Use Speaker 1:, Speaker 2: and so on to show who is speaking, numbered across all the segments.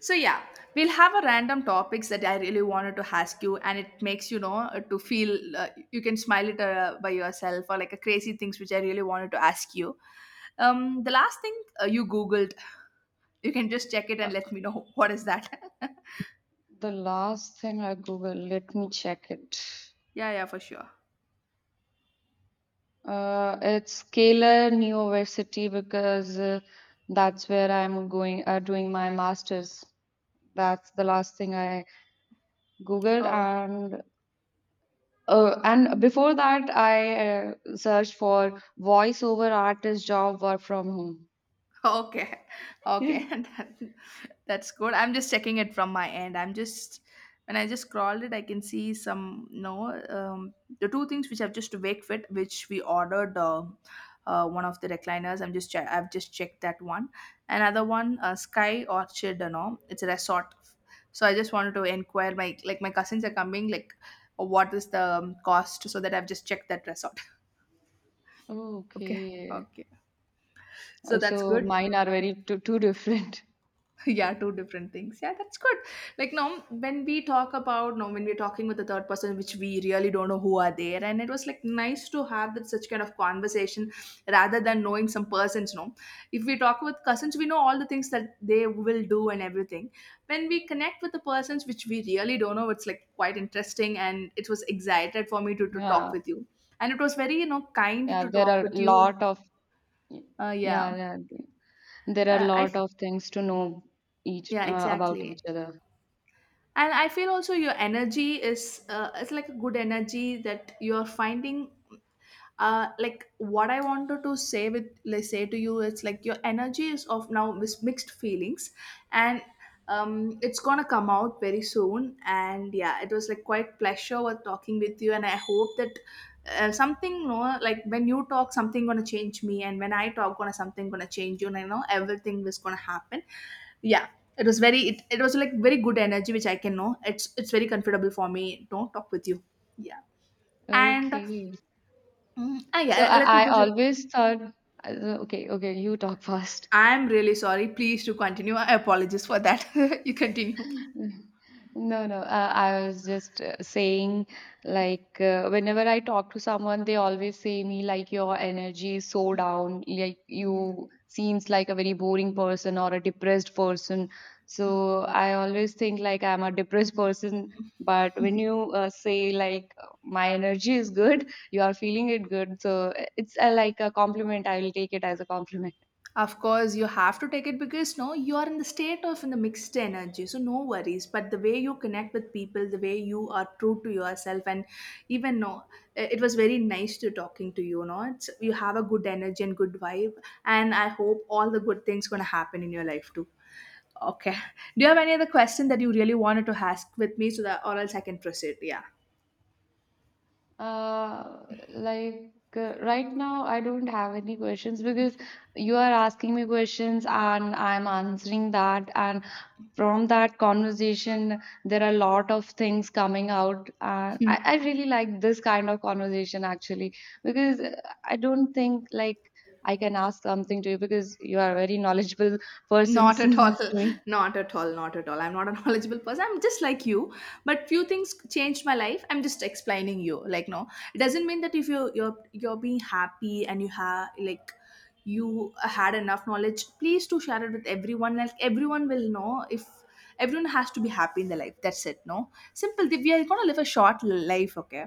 Speaker 1: So yeah, we'll have a random topics that I really wanted to ask you, and it makes you know to feel you can smile it by yourself or like a crazy things which I really wanted to ask you. The last thing you googled, you can just check it
Speaker 2: Uh,
Speaker 1: and let me know what is that.
Speaker 2: the last thing I googled, let me check it.
Speaker 1: Yeah, yeah, for sure.
Speaker 2: It's Kalar University because that's where I'm going, doing my master's. That's the last thing I googled,
Speaker 1: Oh,
Speaker 2: and before that, I searched for voiceover artist job work from home.
Speaker 1: okay, okay, that's good. I'm just checking it from my end. I'm just when I just scrolled it, I can see some no. um, the two things which I've just wake fit, which we ordered one of the recliners. I'm just I've just checked that one. Another one, Sky Orchard, you know, it's a resort. So I just wanted to inquire my like my cousins are coming, like what is the cost, so that I've just checked that resort. Okay,
Speaker 2: Okay,
Speaker 1: okay, so that's
Speaker 2: So
Speaker 1: good.
Speaker 2: mine are very two different.
Speaker 1: Yeah, two different things, yeah, that's good. Like now when we talk about, now when we're talking with the third person which we really don't know who are there, and it was like nice to have that such kind of conversation rather than knowing some persons no. If we talk with cousins, we know all the things that they will do and everything. When we connect with the persons which we really don't know, it's like quite interesting, and it was excited for me to talk
Speaker 2: Yeah,
Speaker 1: with you, and it was very you know kind
Speaker 2: yeah,
Speaker 1: to
Speaker 2: there
Speaker 1: talk
Speaker 2: are a
Speaker 1: with you.
Speaker 2: lot of
Speaker 1: uh, yeah
Speaker 2: yeah, yeah. There are a
Speaker 1: uh, i
Speaker 2: lot of things to know each
Speaker 1: yeah,
Speaker 2: about each
Speaker 1: exactly.
Speaker 2: other.
Speaker 1: And I feel also your energy is it's like a good energy that you're finding. Like what I wanted to say with let's say to you, it's like your energy is of now with mixed feelings. And it's gonna come out very soon, and yeah it was like quite pleasure with talking with you, and I hope that something you know like when you talk something gonna change me, and when I talk gonna something gonna change you, and I know everything is gonna happen. Yeah, it was very it was like very good energy which I can know. It's very comfortable for me don't talk with you. Yeah. And
Speaker 2: Okay. So
Speaker 1: yeah, let me
Speaker 2: I
Speaker 1: go to.
Speaker 2: always thought, uh, okay, okay, you talk first.
Speaker 1: I'm really sorry, please to continue, I apologize for that. You continue.
Speaker 2: No, no. I was just saying, like, whenever I talk to someone, they always say me, like, your energy is so down, like,
Speaker 1: Yeah.
Speaker 2: you seems like a very boring person or a depressed person. So I always think, like, I'm a depressed person. But when you say, like, my energy is good, you are feeling it good. So it's like a compliment. I will take it as a compliment.
Speaker 1: Of course, you have to take it because no, you are in the state of in the mixed energy, so no worries. But the way you connect with people, the way you are true to yourself, and even no, it was very nice to talking to you. No, it's, you have a good energy and good vibe, and I hope all the good things gonna happen in your life too. Okay. Do you have any other question that you really wanted to ask with me, so that or else I can proceed? Yeah.
Speaker 2: Uh, like, right now, I don't have any questions because you are asking me questions and I'm answering that. And from that conversation, there are a lot of things coming out. And I really like this kind of conversation actually because I don't think like I can ask something to you because you are a very knowledgeable person,
Speaker 1: Not at all.
Speaker 2: seems to me.
Speaker 1: Not at all. Not at all. I'm not a knowledgeable person. I'm just like you. But few things changed my life. I'm just explaining you. Like no, it doesn't mean that if you're being happy and you have like you had enough knowledge, please to share it with everyone. Like everyone will know if everyone has to be happy in their life. That's it. No, simple. We are gonna live a short life. Okay,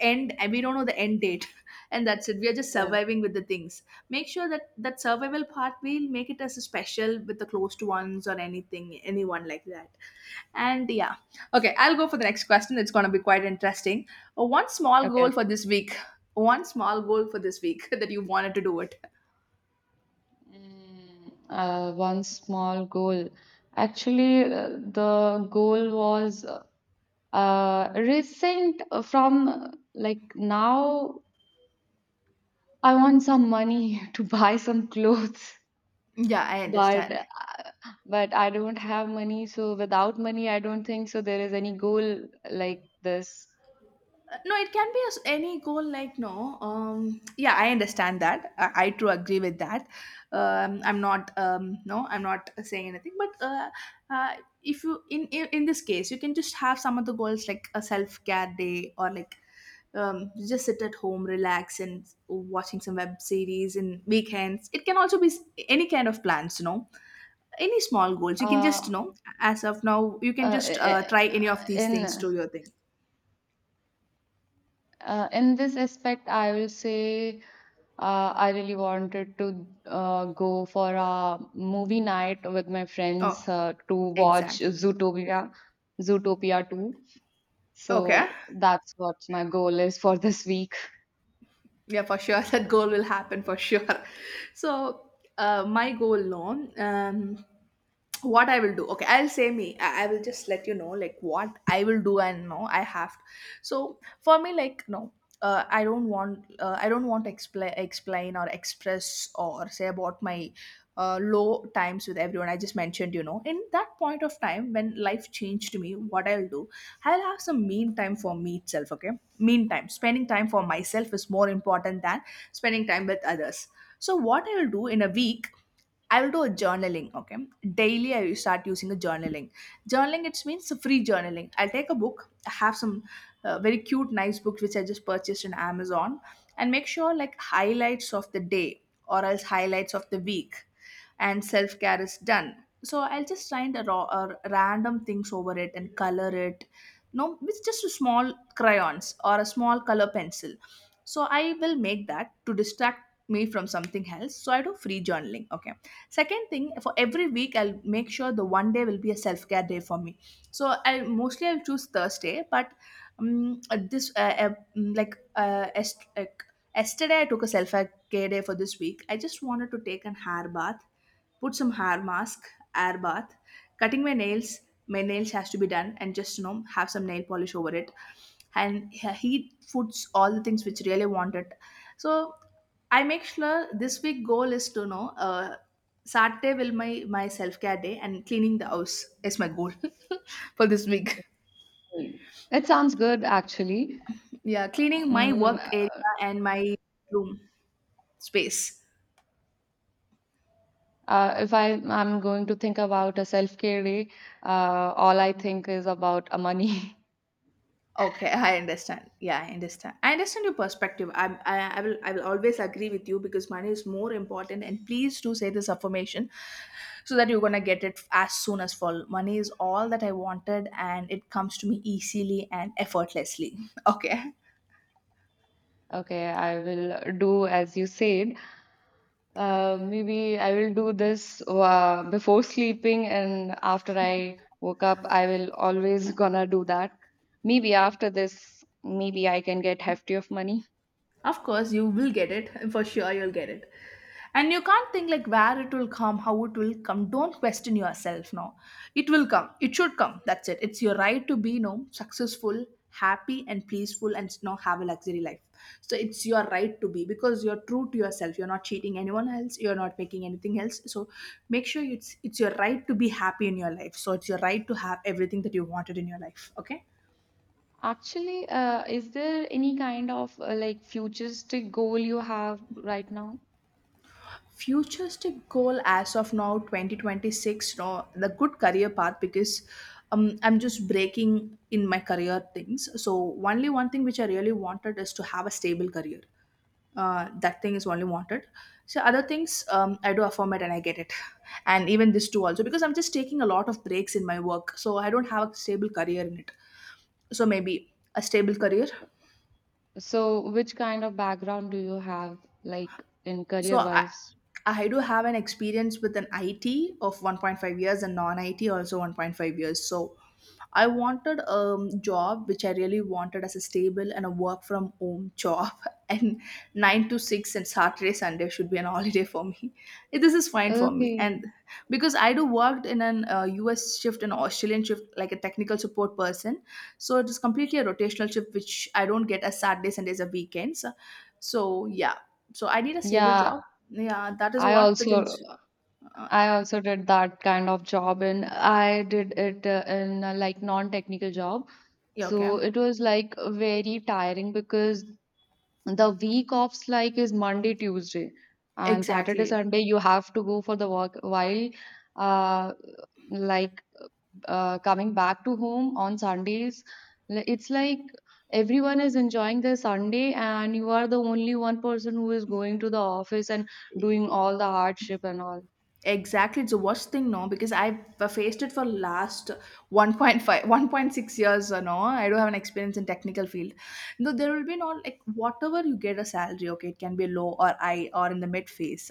Speaker 1: and we don't know the end date, and that's it. We are just
Speaker 2: Yeah.
Speaker 1: surviving with the things. Make sure that that survival part we'll make it as a special with the closed ones or anything anyone like that. And yeah, okay, I'll go for the next question, it's going to be quite interesting. One small
Speaker 2: Okay.
Speaker 1: goal for this week. One small goal for this week that you wanted to do it.
Speaker 2: One small goal. Actually, the goal was recent from like now. I want some money to buy some clothes,
Speaker 1: Yeah, I
Speaker 2: but
Speaker 1: understand.
Speaker 2: uh, but I don't have money. So without money, I don't think so. There is any goal like this.
Speaker 1: No, it can be as any goal like no, um, yeah, I understand that. I too agree with that. I'm not, no, I'm not saying anything, but uh if you in this case you can just have some of the goals like a self-care day, or like you just sit at home relax and watching some web series in weekends. It can also be any kind of plans, you know, any small goals you can
Speaker 2: Uh,
Speaker 1: just you know. As of now, you can
Speaker 2: uh,
Speaker 1: just
Speaker 2: eh,
Speaker 1: try any of
Speaker 2: eh,
Speaker 1: these things
Speaker 2: in
Speaker 1: to your thing.
Speaker 2: in this aspect, I will say I really wanted to go for a movie night with my friends
Speaker 1: Oh,
Speaker 2: to watch
Speaker 1: exactly.
Speaker 2: Zootopia, Zootopia 2. So
Speaker 1: Okay.
Speaker 2: that's what my goal is for this week.
Speaker 1: Yeah, for sure. That goal will happen for sure. So, my goal, no. What I will do. Okay, I'll say me. I will just let you know, like, what I will do and no, I have to. So, for me, like, no. I don't want to explain or express or say about my low times with everyone. I just mentioned, you know, in that point of time when life changed me, what I'll do, I'll have some mean time for me itself. Okay, meantime spending time for myself is more important than spending time with others. So what I will do in a week, I will do a journaling. Okay, daily I will start using a journaling. Journaling, it means free journaling. I'll take a book. I have some very cute, nice books which I just purchased on Amazon, and make sure like highlights of the day or else highlights of the week, and self care is done. So I'll just find a raw or random things over it and color it. No, with just a small crayons or a small color pencil. So I will make that to distract me from something else. So I do free journaling. Okay. Second thing, for every week, I'll make sure the one day will be a self care day for me. So I mostly I'll choose Thursday, but this mm, like est- like yesterday I took a self care day for this week. I just wanted to take an hair bath, put some hair mask, air bath, cutting my nails. My nails has to be done, and just you know have some nail polish over it. And he puts all the things which really wanted. So I make sure this week goal is to know. Saturday will my self care day, and cleaning the house is my goal for this week.
Speaker 2: It sounds good, actually.
Speaker 1: Yeah, cleaning my
Speaker 2: Mm,
Speaker 1: work area
Speaker 2: uh,
Speaker 1: and my room space.
Speaker 2: if I'm going to think about a self-care day, all I think is about a money.
Speaker 1: Okay, I understand. Yeah, I understand. I understand your perspective. I will always agree with you because money is more important. And please do say this affirmation, so that you're gonna get it as soon as fall. Money is all that I wanted, and it comes to me easily and effortlessly. Okay,
Speaker 2: Okay, I will do as you said. Maybe I will do this before sleeping and after I woke up, I will always gonna do that. Maybe after this, maybe I can get hefty of money.
Speaker 1: of course you will get it for sure. You'll get it. And you can't think like where it will come, how it will come, don't question yourself. Now it will come, it should come, that's it. It's your right to be you know successful, happy and peaceful, and you know have a luxury life. So it's your right to be because you're true to yourself, you're not cheating anyone else, you're not making anything else. So make sure it's your right to be happy in your life. So it's your right to have everything that you wanted in your life. Okay,
Speaker 2: Actually, is there any kind of like futuristic goal you have right now?
Speaker 1: futuristic goal as of now 2026. No, the good career path because I'm just breaking in my career things, so only one thing which I really wanted is to have a stable career. That thing is only wanted. So other things, I do affirm it and I get it. And even this too also because I'm just taking a lot of breaks in my work, so I don't have a stable career in it. So maybe a stable career.
Speaker 2: So, which kind of background do you have, like in
Speaker 1: So
Speaker 2: career
Speaker 1: i
Speaker 2: wise?
Speaker 1: i do have an experience with an IT of 1.5 years, and non-IT also 1.5 years. So I wanted a job which I really wanted as a stable and a work from home job, and 9 to 6, and Saturday Sunday should be an holiday for me. This is fine for me.
Speaker 2: Okay.
Speaker 1: And because I do worked in an US shift and Australian shift like a technical support person, so it is completely a rotational shift which I don't get as Saturdays Sundays or weekends. So yeah, so I need a stable
Speaker 2: Yeah,
Speaker 1: job. Yeah, that is
Speaker 2: I
Speaker 1: what the
Speaker 2: also
Speaker 1: things. uh,
Speaker 2: I also did that kind of job and I did it in a like non-technical job.
Speaker 1: yeah, okay,
Speaker 2: So it was like very tiring because the week offs like is Monday, Tuesday and Saturday,
Speaker 1: exactly.
Speaker 2: Sunday you have to go for the work while uh like coming back to home on Sundays. It's like everyone is enjoying their Sunday and you are the only one person who is going to the office and doing all the hardship and all.
Speaker 1: Exactly, it's the worst thing, no, because I've faced it for last 1.5, 1.6 years, no, I don't have an experience in technical field. No, there will be no, like, whatever you get a salary, okay, it can be low or high or in the mid phase.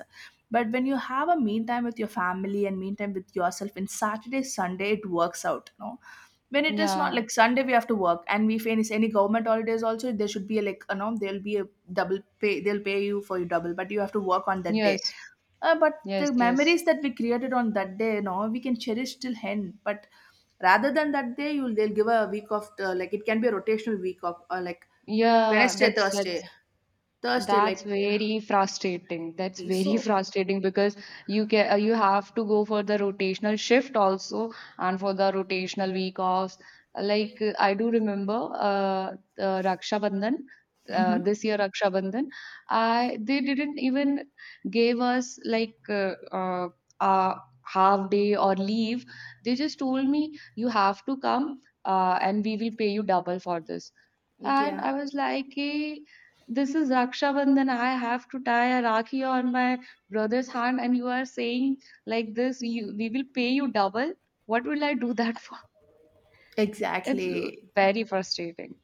Speaker 1: But when you have a mean time with your family and mean time with yourself in Saturday, Sunday, it works out, no. When it is not
Speaker 2: Yeah.
Speaker 1: like Sunday, we have to work, and we finish any government holidays also, there should be a, like, you know, there'll be a double pay, they'll pay you for your double, but you have to work on that day,
Speaker 2: Yes,
Speaker 1: but
Speaker 2: yes,
Speaker 1: the
Speaker 2: yes.
Speaker 1: memories that we created on that day, you know, we can cherish till end. But rather than that day, you'll they'll give a week of like it can be a rotational week of like
Speaker 2: Yeah,
Speaker 1: Wednesday,
Speaker 2: that's that.
Speaker 1: Thursday, Thursday,
Speaker 2: That's very frustrating. That's
Speaker 1: eh,
Speaker 2: very
Speaker 1: so.
Speaker 2: frustrating because you can you have to go for the rotational shift also and for the rotational week offs. Like I do remember Raksha Bandhan this year Raksha Bandhan I they didn't even gave us like a half day or leave. They just told me you have to come and we will pay you double for this. And
Speaker 1: Yeah,
Speaker 2: I was like, "Eh, this is Raksha Bandhan. I have to tie a Rakhi on my brother's hand, and you are saying like this, you, we will pay you double. What will I do that for? It's
Speaker 1: exactly.
Speaker 2: very frustrating.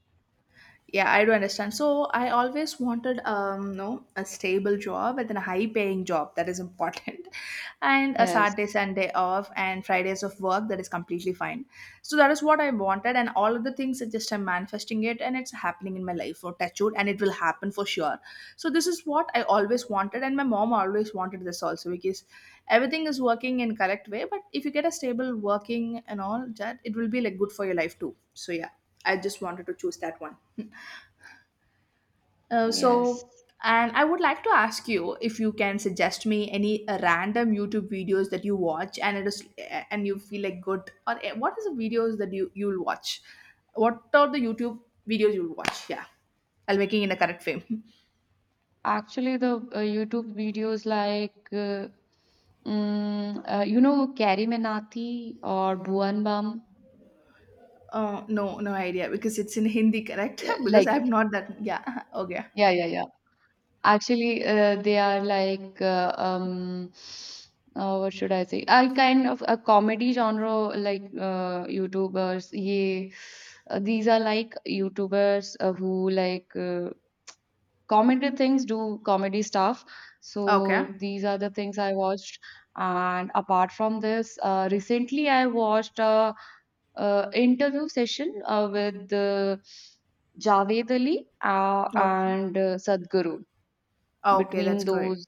Speaker 1: Yeah, I do understand. So I always wanted, no, a stable job with a high-paying job that is important, and a
Speaker 2: Yes,
Speaker 1: Saturday, Sunday off, and Fridays of work that is completely fine. So that is what I wanted, and all of the things are just I'm manifesting it, and it's happening in my life for touchwood, and it will happen for sure. So this is what I always wanted, and my mom always wanted this also because everything is working in correct way. But if you get a stable working and all that, it will be like good for your life too. So yeah, I just wanted to choose that one. Uh,
Speaker 2: yes.
Speaker 1: so, and I would like to ask you if you can suggest me any random YouTube videos that you watch and it is and you feel like good or what is the videos that you'll watch? What are the YouTube videos you'll watch? Yeah, I'll making in a correct frame.
Speaker 2: Actually, the YouTube videos like, you know, Carrie Menati or Bhuvan Bam,
Speaker 1: No, no idea because it's in Hindi, correct?
Speaker 2: yeah,
Speaker 1: Because
Speaker 2: like,
Speaker 1: I'm not that. Yeah, okay,
Speaker 2: yeah, yeah, yeah. Actually, they are like what should I say? Are kind of a comedy genre like YouTubers. Yeah, these are like YouTubers who like comedy things, do comedy stuff.
Speaker 1: okay,
Speaker 2: So these are the things I watched. And apart from this, recently I watched a, interview session with Javed Ali uh,
Speaker 1: oh,
Speaker 2: and uh, Sadhguru
Speaker 1: okay,
Speaker 2: between
Speaker 1: that's great.
Speaker 2: those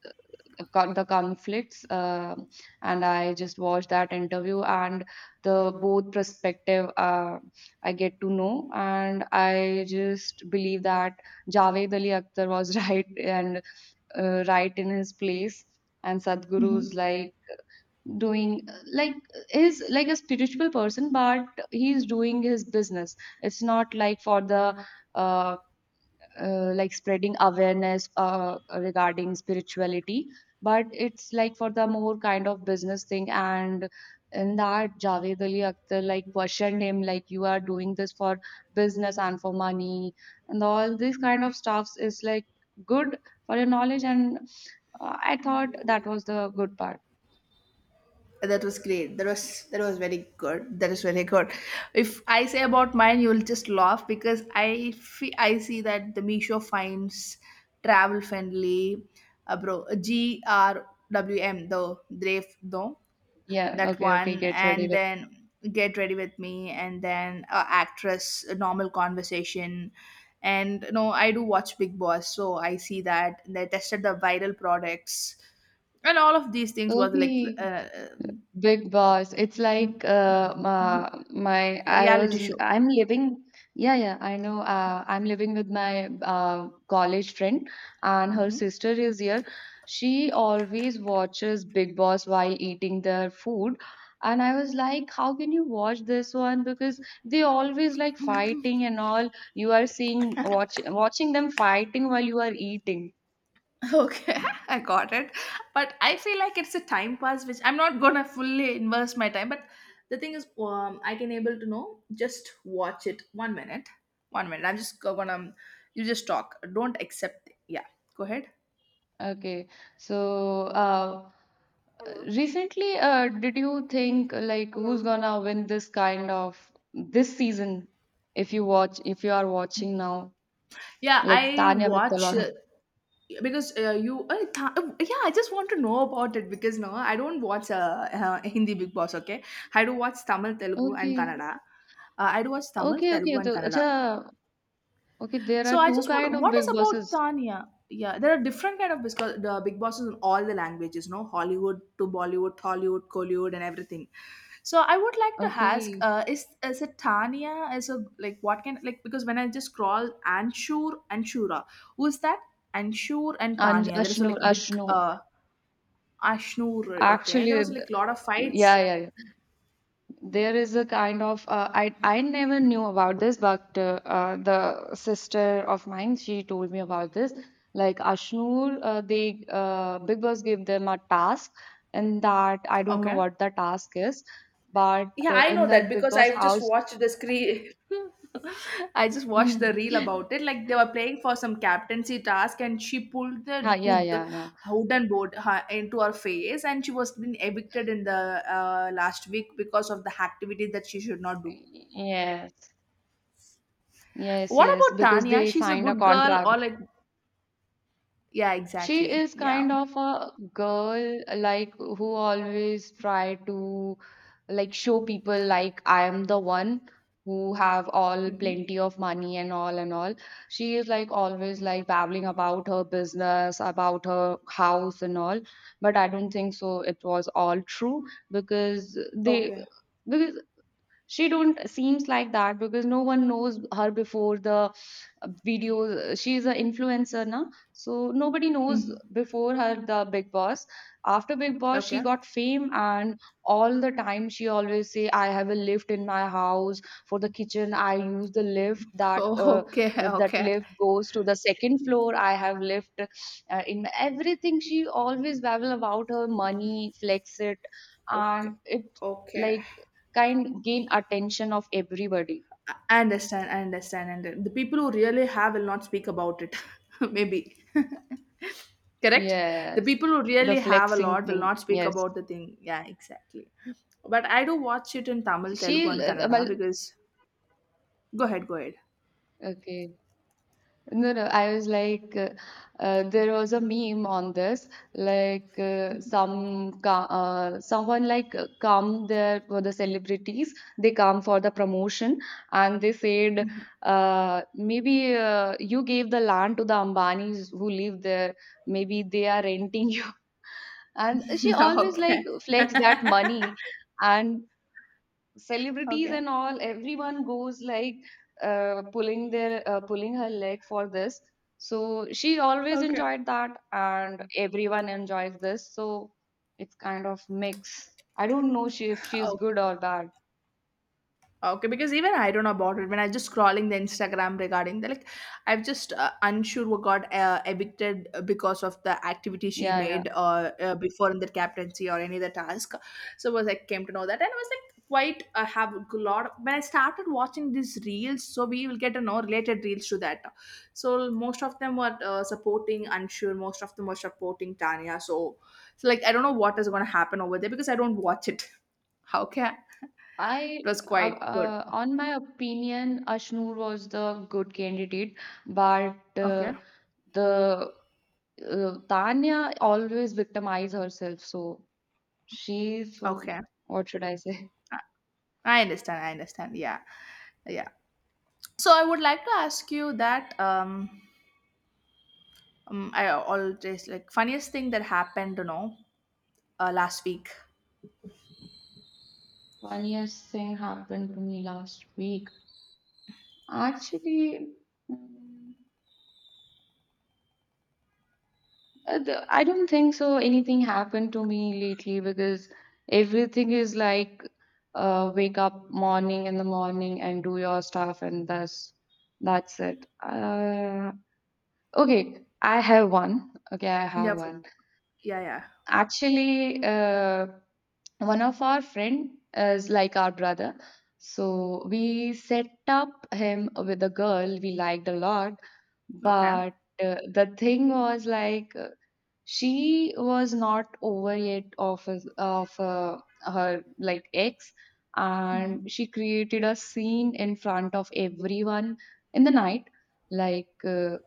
Speaker 2: the conflicts and I just watched that interview and the both perspective I get to know and I just believe that Javed Ali Akhtar was right and right in his place and Sadhguru's
Speaker 1: Mm-hmm.
Speaker 2: like doing like is like a spiritual person but he's doing his business. It's not like for the um like spreading awareness regarding spirituality but it's like for the more kind of business thing. And in that Javed Ali Akhtar like questioned him like you are doing this for business and for money and all these kind of stuffs is like good for your knowledge and I thought that was the good part.
Speaker 1: That was great. That was very good. That is very good. If I say about mine, you'll just laugh because I see that the Misho finds travel friendly, bro. GRWM the Drave though,
Speaker 2: Yeah,
Speaker 1: that
Speaker 2: okay, okay,
Speaker 1: one,
Speaker 2: get ready
Speaker 1: and then get ready with me, and then actress a normal conversation, and no, I do watch Big Boss, so I see that they tested the viral products and all of these things
Speaker 2: with
Speaker 1: was like
Speaker 2: okay Big Boss. It's
Speaker 1: Mm,
Speaker 2: like my
Speaker 1: a
Speaker 2: I
Speaker 1: reality
Speaker 2: was
Speaker 1: show.
Speaker 2: I'm living yeah yeah I know I'm living with my college friend and her sister is here. She always watches Big Boss while eating their food. And I was like, how can you watch this one? Because they always like fighting and all. You are seeing watch, watching them fighting while you are eating.
Speaker 1: Okay, I got it. But I feel like it's a time pass, which I'm not gonna fully invest my time. But the thing is, I can able to know just watch it 1 minute, 1 minute. I'm just gonna, you just talk. Don't accept. Yeah, go ahead.
Speaker 2: Okay. So,
Speaker 1: Hello.
Speaker 2: recently, did you think like who's
Speaker 1: Hello.
Speaker 2: gonna win this kind of this season? If you watch, if you are watching now,
Speaker 1: Yeah,
Speaker 2: like
Speaker 1: I
Speaker 2: Tanya
Speaker 1: watch,
Speaker 2: McTellaro.
Speaker 1: because you. Yeah, I just want to know about it because no, I don't watch Hindi Big Boss. Okay, I do watch Tamil, Telugu, and
Speaker 2: Okay,
Speaker 1: Kannada. I do watch Tamil,
Speaker 2: okay,
Speaker 1: Telugu,
Speaker 2: okay.
Speaker 1: and
Speaker 2: So,
Speaker 1: Kannada.
Speaker 2: acha, okay. There are
Speaker 1: So I
Speaker 2: two
Speaker 1: just
Speaker 2: kind
Speaker 1: want
Speaker 2: of
Speaker 1: what is
Speaker 2: big
Speaker 1: about
Speaker 2: bosses.
Speaker 1: Tanya? Yeah, there are different kind of because the big bosses in all the languages, no Hollywood to Bollywood, Hollywood, Collywood, and everything. So I would like to ask,
Speaker 2: Okay,
Speaker 1: is it Tanya? Is a like what can like because when I just scroll Anshur and Shura, who is that? Anshur and
Speaker 2: and
Speaker 1: Tanya. There is a like big
Speaker 2: Ashnur.
Speaker 1: Ashnur. Okay,
Speaker 2: Actually,
Speaker 1: there was like lot of fights.
Speaker 2: yeah, yeah, there is a kind of I never knew about this, but the sister of mine she told me about this. Like Ashnoor, they Big Boss gave them a task, and that I don't know
Speaker 1: Okay.
Speaker 2: what the task is, but
Speaker 1: Yeah, I
Speaker 2: in
Speaker 1: know that
Speaker 2: that Big
Speaker 1: because
Speaker 2: Boss
Speaker 1: I've just
Speaker 2: house,
Speaker 1: watched the screen. I just watched
Speaker 2: mm,
Speaker 1: the reel about it. Like they were playing for some captaincy task, and she pulled
Speaker 2: ha,
Speaker 1: the
Speaker 2: yeah,
Speaker 1: hood,
Speaker 2: yeah, yeah,
Speaker 1: wooden board her, into her face, and she was being evicted in the last week because of the activity that she should not do.
Speaker 2: yes, yes,
Speaker 1: What
Speaker 2: yes,
Speaker 1: about
Speaker 2: because
Speaker 1: Tanya?
Speaker 2: they
Speaker 1: She's a
Speaker 2: signed a
Speaker 1: good girl, or
Speaker 2: contract.
Speaker 1: like, yeah,
Speaker 2: She
Speaker 1: exactly,
Speaker 2: is
Speaker 1: yeah.
Speaker 2: kind of a girl like who always try to like show people like I am the one who have all
Speaker 1: Mm-hmm.
Speaker 2: plenty of money and all and all. She is like always like babbling about her business, about her house and all. But I don't think so it was all true because they
Speaker 1: Okay.
Speaker 2: because she don't seems like that because no one knows her before the videos. She is an influencer now so nobody knows
Speaker 1: Hmm.
Speaker 2: before her the big boss. After big boss she
Speaker 1: Okay.
Speaker 2: got fame and all the time she always say I have a lift in my house for the kitchen I use the lift that
Speaker 1: Oh,
Speaker 2: uh,
Speaker 1: okay.
Speaker 2: that
Speaker 1: Okay.
Speaker 2: lift goes to the second floor. I have lift in my- everything she always babble about her money flex it and
Speaker 1: Okay.
Speaker 2: it
Speaker 1: Okay.
Speaker 2: like kind gain attention of everybody.
Speaker 1: I understand, I understand. And the people who really have will not speak about it, maybe. Correct? The
Speaker 2: Yes,
Speaker 1: people who
Speaker 2: the
Speaker 1: really have a
Speaker 2: flexing
Speaker 1: lot will
Speaker 2: thing.
Speaker 1: not speak
Speaker 2: Yes,
Speaker 1: about the thing. Yeah, exactly. But I do watch it in Tamil, Telugu,
Speaker 2: she.
Speaker 1: and
Speaker 2: uh,
Speaker 1: Kannada
Speaker 2: well,
Speaker 1: because. Go ahead, go ahead.
Speaker 2: okay. No, no, I was like, there was a meme on this, like someone like come there for the celebrities, they come for the promotion, and they said, maybe you gave the land to the Ambanis who live there, maybe they are renting you, and she always like
Speaker 1: Okay.
Speaker 2: flex that money, and celebrities
Speaker 1: Okay.
Speaker 2: and all everyone goes like pulling their pulling her leg for this so she always
Speaker 1: Okay.
Speaker 2: enjoyed that and everyone enjoys this so it's kind of mix I don't know she, if she's
Speaker 1: Okay.
Speaker 2: good or bad
Speaker 1: Okay, because even I don't know about it. When I just scrolling the Instagram regarding the like, I've just unsure what got evicted because of the activity she
Speaker 2: yeah yeah.
Speaker 1: made before in the captaincy or any other task. So was I came to know that, and I was like quite I have a lot. Of, when I started watching these reels, so we will get to know related reels to that. So most of them were supporting unsure. Most of them were supporting Tanya. So, so like I don't know what is going to happen over there because I don't watch it. How can
Speaker 2: I,
Speaker 1: it was quite good.
Speaker 2: on my opinion, Ashnoor was the good candidate, but
Speaker 1: Okay.
Speaker 2: the Tanya always victimized herself. So she's, so
Speaker 1: Okay.
Speaker 2: what should I say?
Speaker 1: I I understand. I understand. Yeah. Yeah. So I would like to ask you that, I always like funniest thing that happened, last week.
Speaker 2: Funniest thing happened to me last week. Actually, mm, the- I don't think so. Anything happened to me lately because everything is like wake up morning in the morning and do your stuff, and that's it. Okay, I have one. Okay, I
Speaker 1: Yeah.
Speaker 2: have one.
Speaker 1: Yeah. Yeah.
Speaker 2: Actually, one of our friend is like our brother, so we set up him with a girl we liked a lot,
Speaker 1: Okay.
Speaker 2: but the thing was like. She was not over yet of her like ex
Speaker 1: Mhm.
Speaker 2: and she created a scene in front of everyone in the night like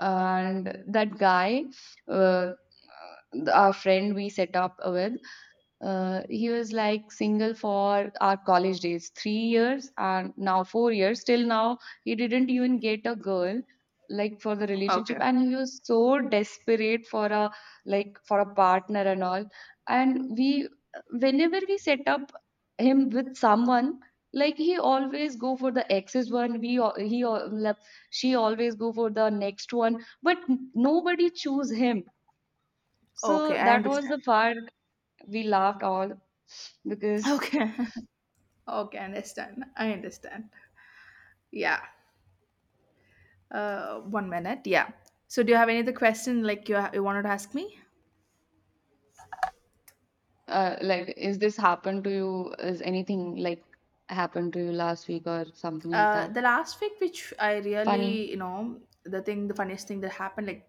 Speaker 2: and that guy uh, our friend we set up with he was like single for our college days, 3 years and now 4 years. Till now, he didn't even get a girl like for the relationship,
Speaker 1: Okay.
Speaker 2: and he was so desperate for a like for a partner and all. And we, whenever we set up him with someone, like he always go for the exes one. We al- he al- like, she always go for the next one, but nobody choose him. So
Speaker 1: Okay. I
Speaker 2: that was
Speaker 1: understand.
Speaker 2: the part we laughed all because.
Speaker 1: Okay. Okay. I understand. I understand. Yeah. 1 minute. Yeah. So do you have any other question like you wanted to ask me?
Speaker 2: Like, is this happened to you, is anything like happened to you last week or something like that
Speaker 1: The last week, which I
Speaker 2: funny?
Speaker 1: really, you know, the thing, the funniest thing that happened,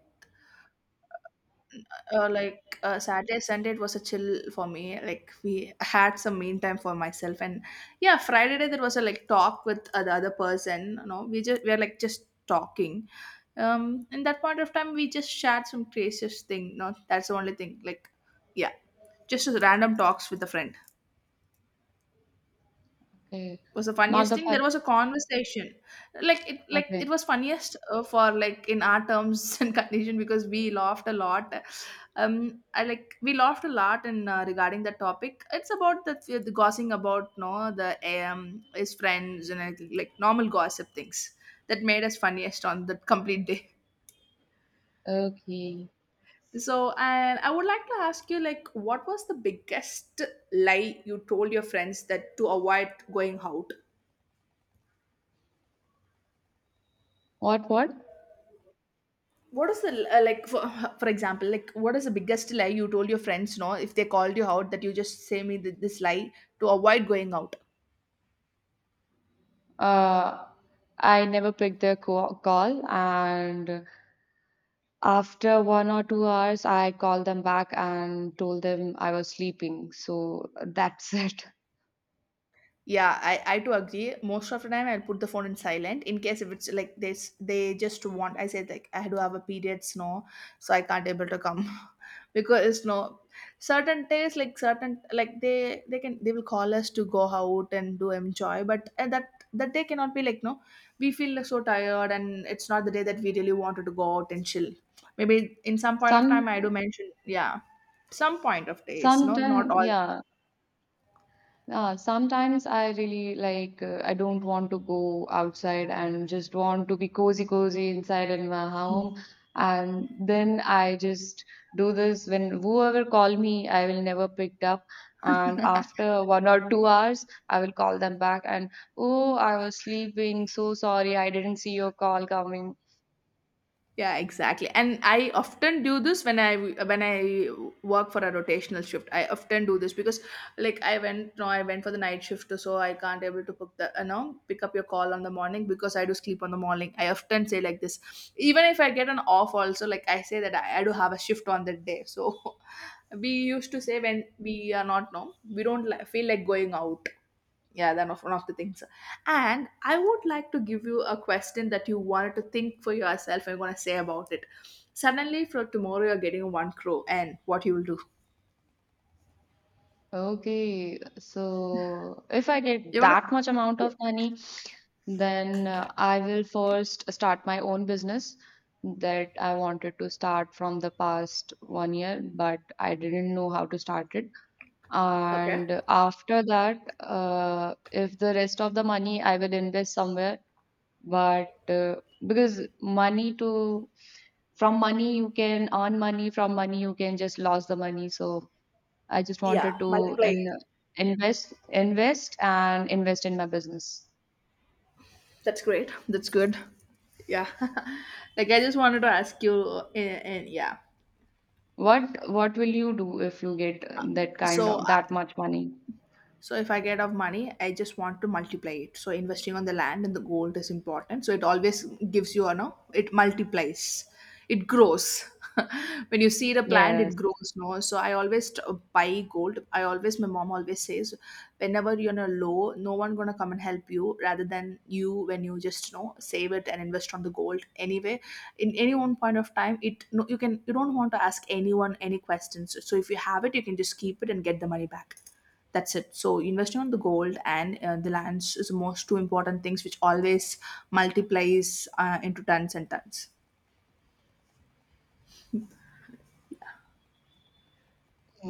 Speaker 1: like Saturday, Sunday, it was a chill for me. Like we had some mean time for myself, and yeah, Friday day there was a like talk with the other person. You know, we just we are like just talking. In that point of time, we just shared some craziest thing. No, that's the only thing. Like, yeah, just random talks with a friend
Speaker 2: Okay.
Speaker 1: was the
Speaker 2: Not
Speaker 1: funniest
Speaker 2: the
Speaker 1: thing.
Speaker 2: fun.
Speaker 1: There was a conversation, like it
Speaker 2: Okay.
Speaker 1: was funniest for like in our terms and condition because we laughed a lot. I like we laughed a lot in, regarding the topic. It's about the gossiping about, no, the his friends and like normal gossip things that made us funniest on the complete day.
Speaker 2: Okay.
Speaker 1: So, and I would like to ask you like what was the biggest lie you told your friends that to avoid going out.
Speaker 2: What? What?
Speaker 1: What is the like, for example, like what is the biggest lie you told your friends, no, if they called you out, that you just say me this lie to avoid going out.
Speaker 2: Uh i never picked their call and after 1 or 2 hours I called them back and told them I was sleeping, so that's it.
Speaker 1: Yeah, I do agree. Most of the time, I'll put the phone in silent in case if it's like this, they just want. I said like I do have a period, no, so I can't able to come because no, certain days like certain like they can, they will call us to go out and do enjoy, but that day cannot be like, no, we feel like so tired and it's not the day that we really wanted to go out and chill. Maybe in some point of time, I do
Speaker 2: some
Speaker 1: mention yeah, some point of days, no, not
Speaker 2: sometime
Speaker 1: all.
Speaker 2: yeah. Sometimes I really like, I don't want to go outside and just want to be cozy, cozy inside in my
Speaker 1: Hmm.
Speaker 2: home. And then I just do this when whoever call me, I will never picked up. And after 1 or 2 hours, I will call them back and, oh, I was sleeping. So sorry, I didn't see your call coming.
Speaker 1: Yeah, exactly. And I often do this when I work for a rotational shift. I often do this because like I went, no, I went for the night shift, so I can't able to pick the, you know, pick up your call on the morning because I do sleep on the morning. I often say like this, even if I get an off also, like I say that I do have a shift on that day. So we used to say when we are not, no, we don't feel like going out. Yeah, then of one of the things. And I would like to give you a question that you wanted to think for yourself and gonna say about it. Suddenly for tomorrow you're getting one crow and what you will do.
Speaker 2: Okay, so if I get
Speaker 1: You're gonna,
Speaker 2: that much amount
Speaker 1: yeah.
Speaker 2: of money, then I will first start my own business that I wanted to start from the past one year, but I didn't know how to start it.
Speaker 1: Okay.
Speaker 2: And after that, if the rest of the money I will invest somewhere, but, because money to from money you can earn money, from money you can just lose the money. So I just
Speaker 1: Yeah,
Speaker 2: wanted to
Speaker 1: multiply it.
Speaker 2: invest, invest, and invest in my business.
Speaker 1: That's great. That's good. Yeah. Like I just wanted to ask you and yeah.
Speaker 2: What will you do if you get that kind
Speaker 1: So
Speaker 2: of that much money?
Speaker 1: So if I get of money, I just want to multiply it. So investing on the land and the gold is important. So it always gives you, you know, it multiplies, it grows. When you see the plant,
Speaker 2: Yes,
Speaker 1: it grows. No, so I always buy gold. I always, my mom always says, whenever you're in a low, no one gonna come and help you. Rather than you, when you just, you know, save it and invest on the gold anyway, in any one point of time, it, no, you can, you don't want to ask anyone any questions, so if you have it you can just keep it and get the money back. That's it. So investing on the gold and the lands is the most two important things which always multiplies into tons and tons.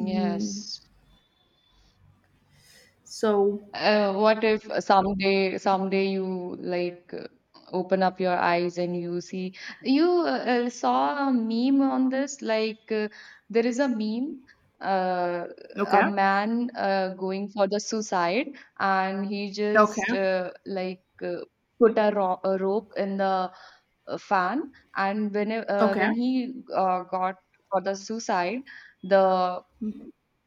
Speaker 1: Mm, so
Speaker 2: What if someday you like, open up your eyes and you see you, saw a meme on this, like, there is a meme, uh, a
Speaker 1: okay,
Speaker 2: man, going for the suicide and he just,
Speaker 1: okay,
Speaker 2: put a rope in the fan and
Speaker 1: okay.
Speaker 2: when he got for the suicide, the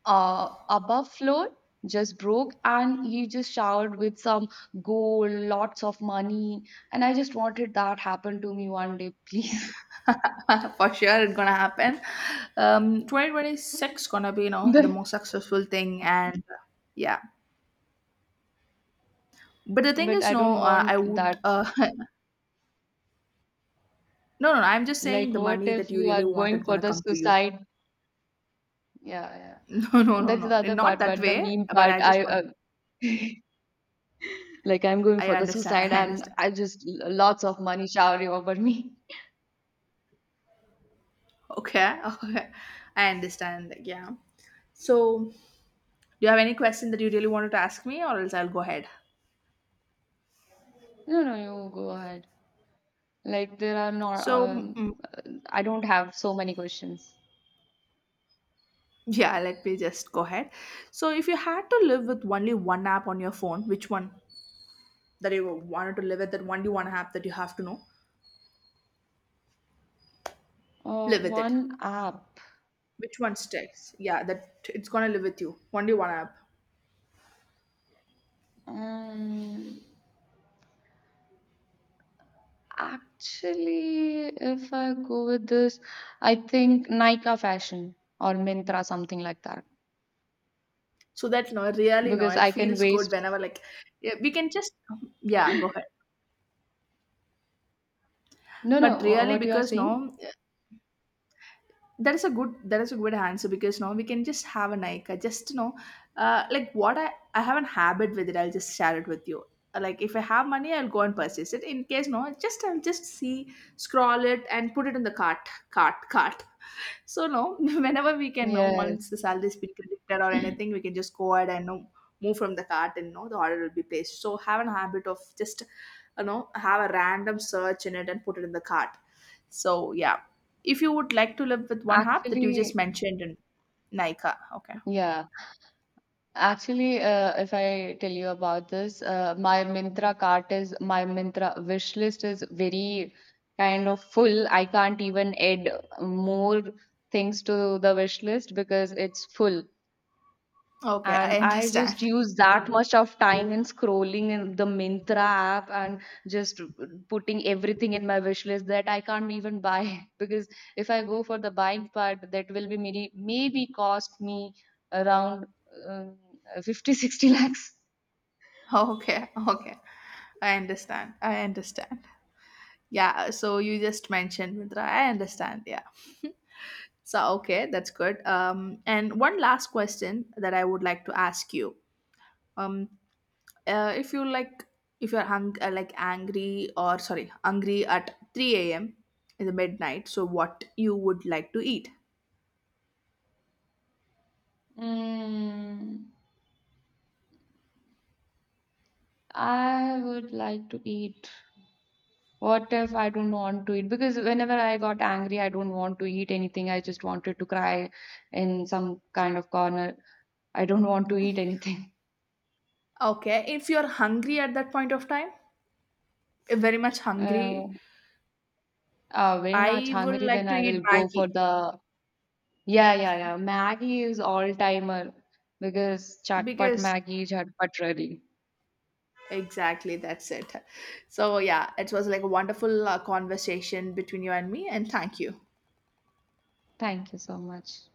Speaker 2: above floor just broke and he just showered with some gold, lots of money, and I just wanted that happen to me one day please.
Speaker 1: For sure it's gonna happen, 2026 gonna be, you know,
Speaker 2: But,
Speaker 1: the most successful thing. And yeah, but the thing is,
Speaker 2: I
Speaker 1: no,
Speaker 2: don't
Speaker 1: I
Speaker 2: want that.
Speaker 1: would No, no, no, I'm just
Speaker 2: Like,
Speaker 1: saying the
Speaker 2: what
Speaker 1: money
Speaker 2: if
Speaker 1: that you
Speaker 2: you
Speaker 1: really
Speaker 2: are going
Speaker 1: wanted
Speaker 2: for
Speaker 1: gonna
Speaker 2: the
Speaker 1: come to you.
Speaker 2: suicide? Yeah, yeah.
Speaker 1: No, no, no,
Speaker 2: That's the
Speaker 1: no.
Speaker 2: other
Speaker 1: Not
Speaker 2: part,
Speaker 1: that
Speaker 2: but the
Speaker 1: way,
Speaker 2: meme
Speaker 1: but
Speaker 2: part
Speaker 1: I
Speaker 2: I,
Speaker 1: just want,
Speaker 2: like I'm going
Speaker 1: I
Speaker 2: for the
Speaker 1: understand,
Speaker 2: suicide
Speaker 1: I
Speaker 2: and
Speaker 1: understand.
Speaker 2: I just, lots of money showering over me.
Speaker 1: Okay, okay. I understand. Like, yeah. So do you have any question that you really wanted to ask me or else I'll go ahead?
Speaker 2: No, no, you go ahead. Like, there are not.
Speaker 1: So, mm,
Speaker 2: I don't have so many questions.
Speaker 1: yeah, let me just go ahead. So if you had to live with only one app on your phone, which one that you wanted to live with, that only one app that you have to know,
Speaker 2: Uh,
Speaker 1: live with it.
Speaker 2: one app.
Speaker 1: Which one sticks? Yeah, that it's gonna live with you. Only one app.
Speaker 2: Um, actually, if I go with this, I think Nika Fashion or Mintra, something like that,
Speaker 1: So that, no, really, no,
Speaker 2: because
Speaker 1: it
Speaker 2: I can
Speaker 1: feels good
Speaker 2: waste.
Speaker 1: whenever like yeah, we can just, yeah, go ahead.
Speaker 2: No, no,
Speaker 1: But really
Speaker 2: what you are
Speaker 1: because
Speaker 2: saying?
Speaker 1: no, that is a good answer because now we can just have an Nika. Just, you know, like what, I have a habit with it. I'll just share it with you. Like if I have money, I'll go and purchase it. In case no, just I'll just see, scroll it, and put it in the cart, cart, cart. So no, whenever we can, know once
Speaker 2: Yes,
Speaker 1: the salary is been credited or anything, we can just go ahead and know move from the cart and know the order will be placed. So have a habit of just, you know, have a random search in it and put it in the cart, so yeah, if you would like to live with one app that you just
Speaker 2: actually,
Speaker 1: mentioned in Nika, okay,
Speaker 2: yeah. Actually, if I tell you about this, my Myntra cart is my Myntra wish list is very kind of full. I can't even add more things to the wish list because it's full.
Speaker 1: okay, I
Speaker 2: And I
Speaker 1: understand.
Speaker 2: just use that much of time in scrolling in the Mintra app, and just putting everything in my wish list that I can't even buy because if I go for the buying part, that will be maybe cost me around, um, 50 60 lakhs.
Speaker 1: Okay, okay, I understand. I understand. Yeah, so you just mentioned Mitra. I understand. Yeah. So okay, that's good. And one last question that I would like to ask you. Um, if you like, if you're like angry, or sorry, hungry at 3 a.m. in the midnight, so what you would like to eat?
Speaker 2: Mm, I would like to eat. What if I don't want to eat? Because whenever I got angry, I don't want to eat anything. I just wanted to cry in some kind of corner. I don't want to eat anything.
Speaker 1: Okay, if you're hungry at that point of time, very much hungry,
Speaker 2: Uh, very much
Speaker 1: I would
Speaker 2: hungry, then
Speaker 1: like to
Speaker 2: I will
Speaker 1: eat
Speaker 2: go for
Speaker 1: Maggie
Speaker 2: the. Yeah, yeah, yeah. Maggie is all timer because chatpat
Speaker 1: because
Speaker 2: Maggie, chatpat ready.
Speaker 1: exactly that's it. So, yeah, it was like a wonderful conversation between you and me, and thank you.
Speaker 2: Thank you so much.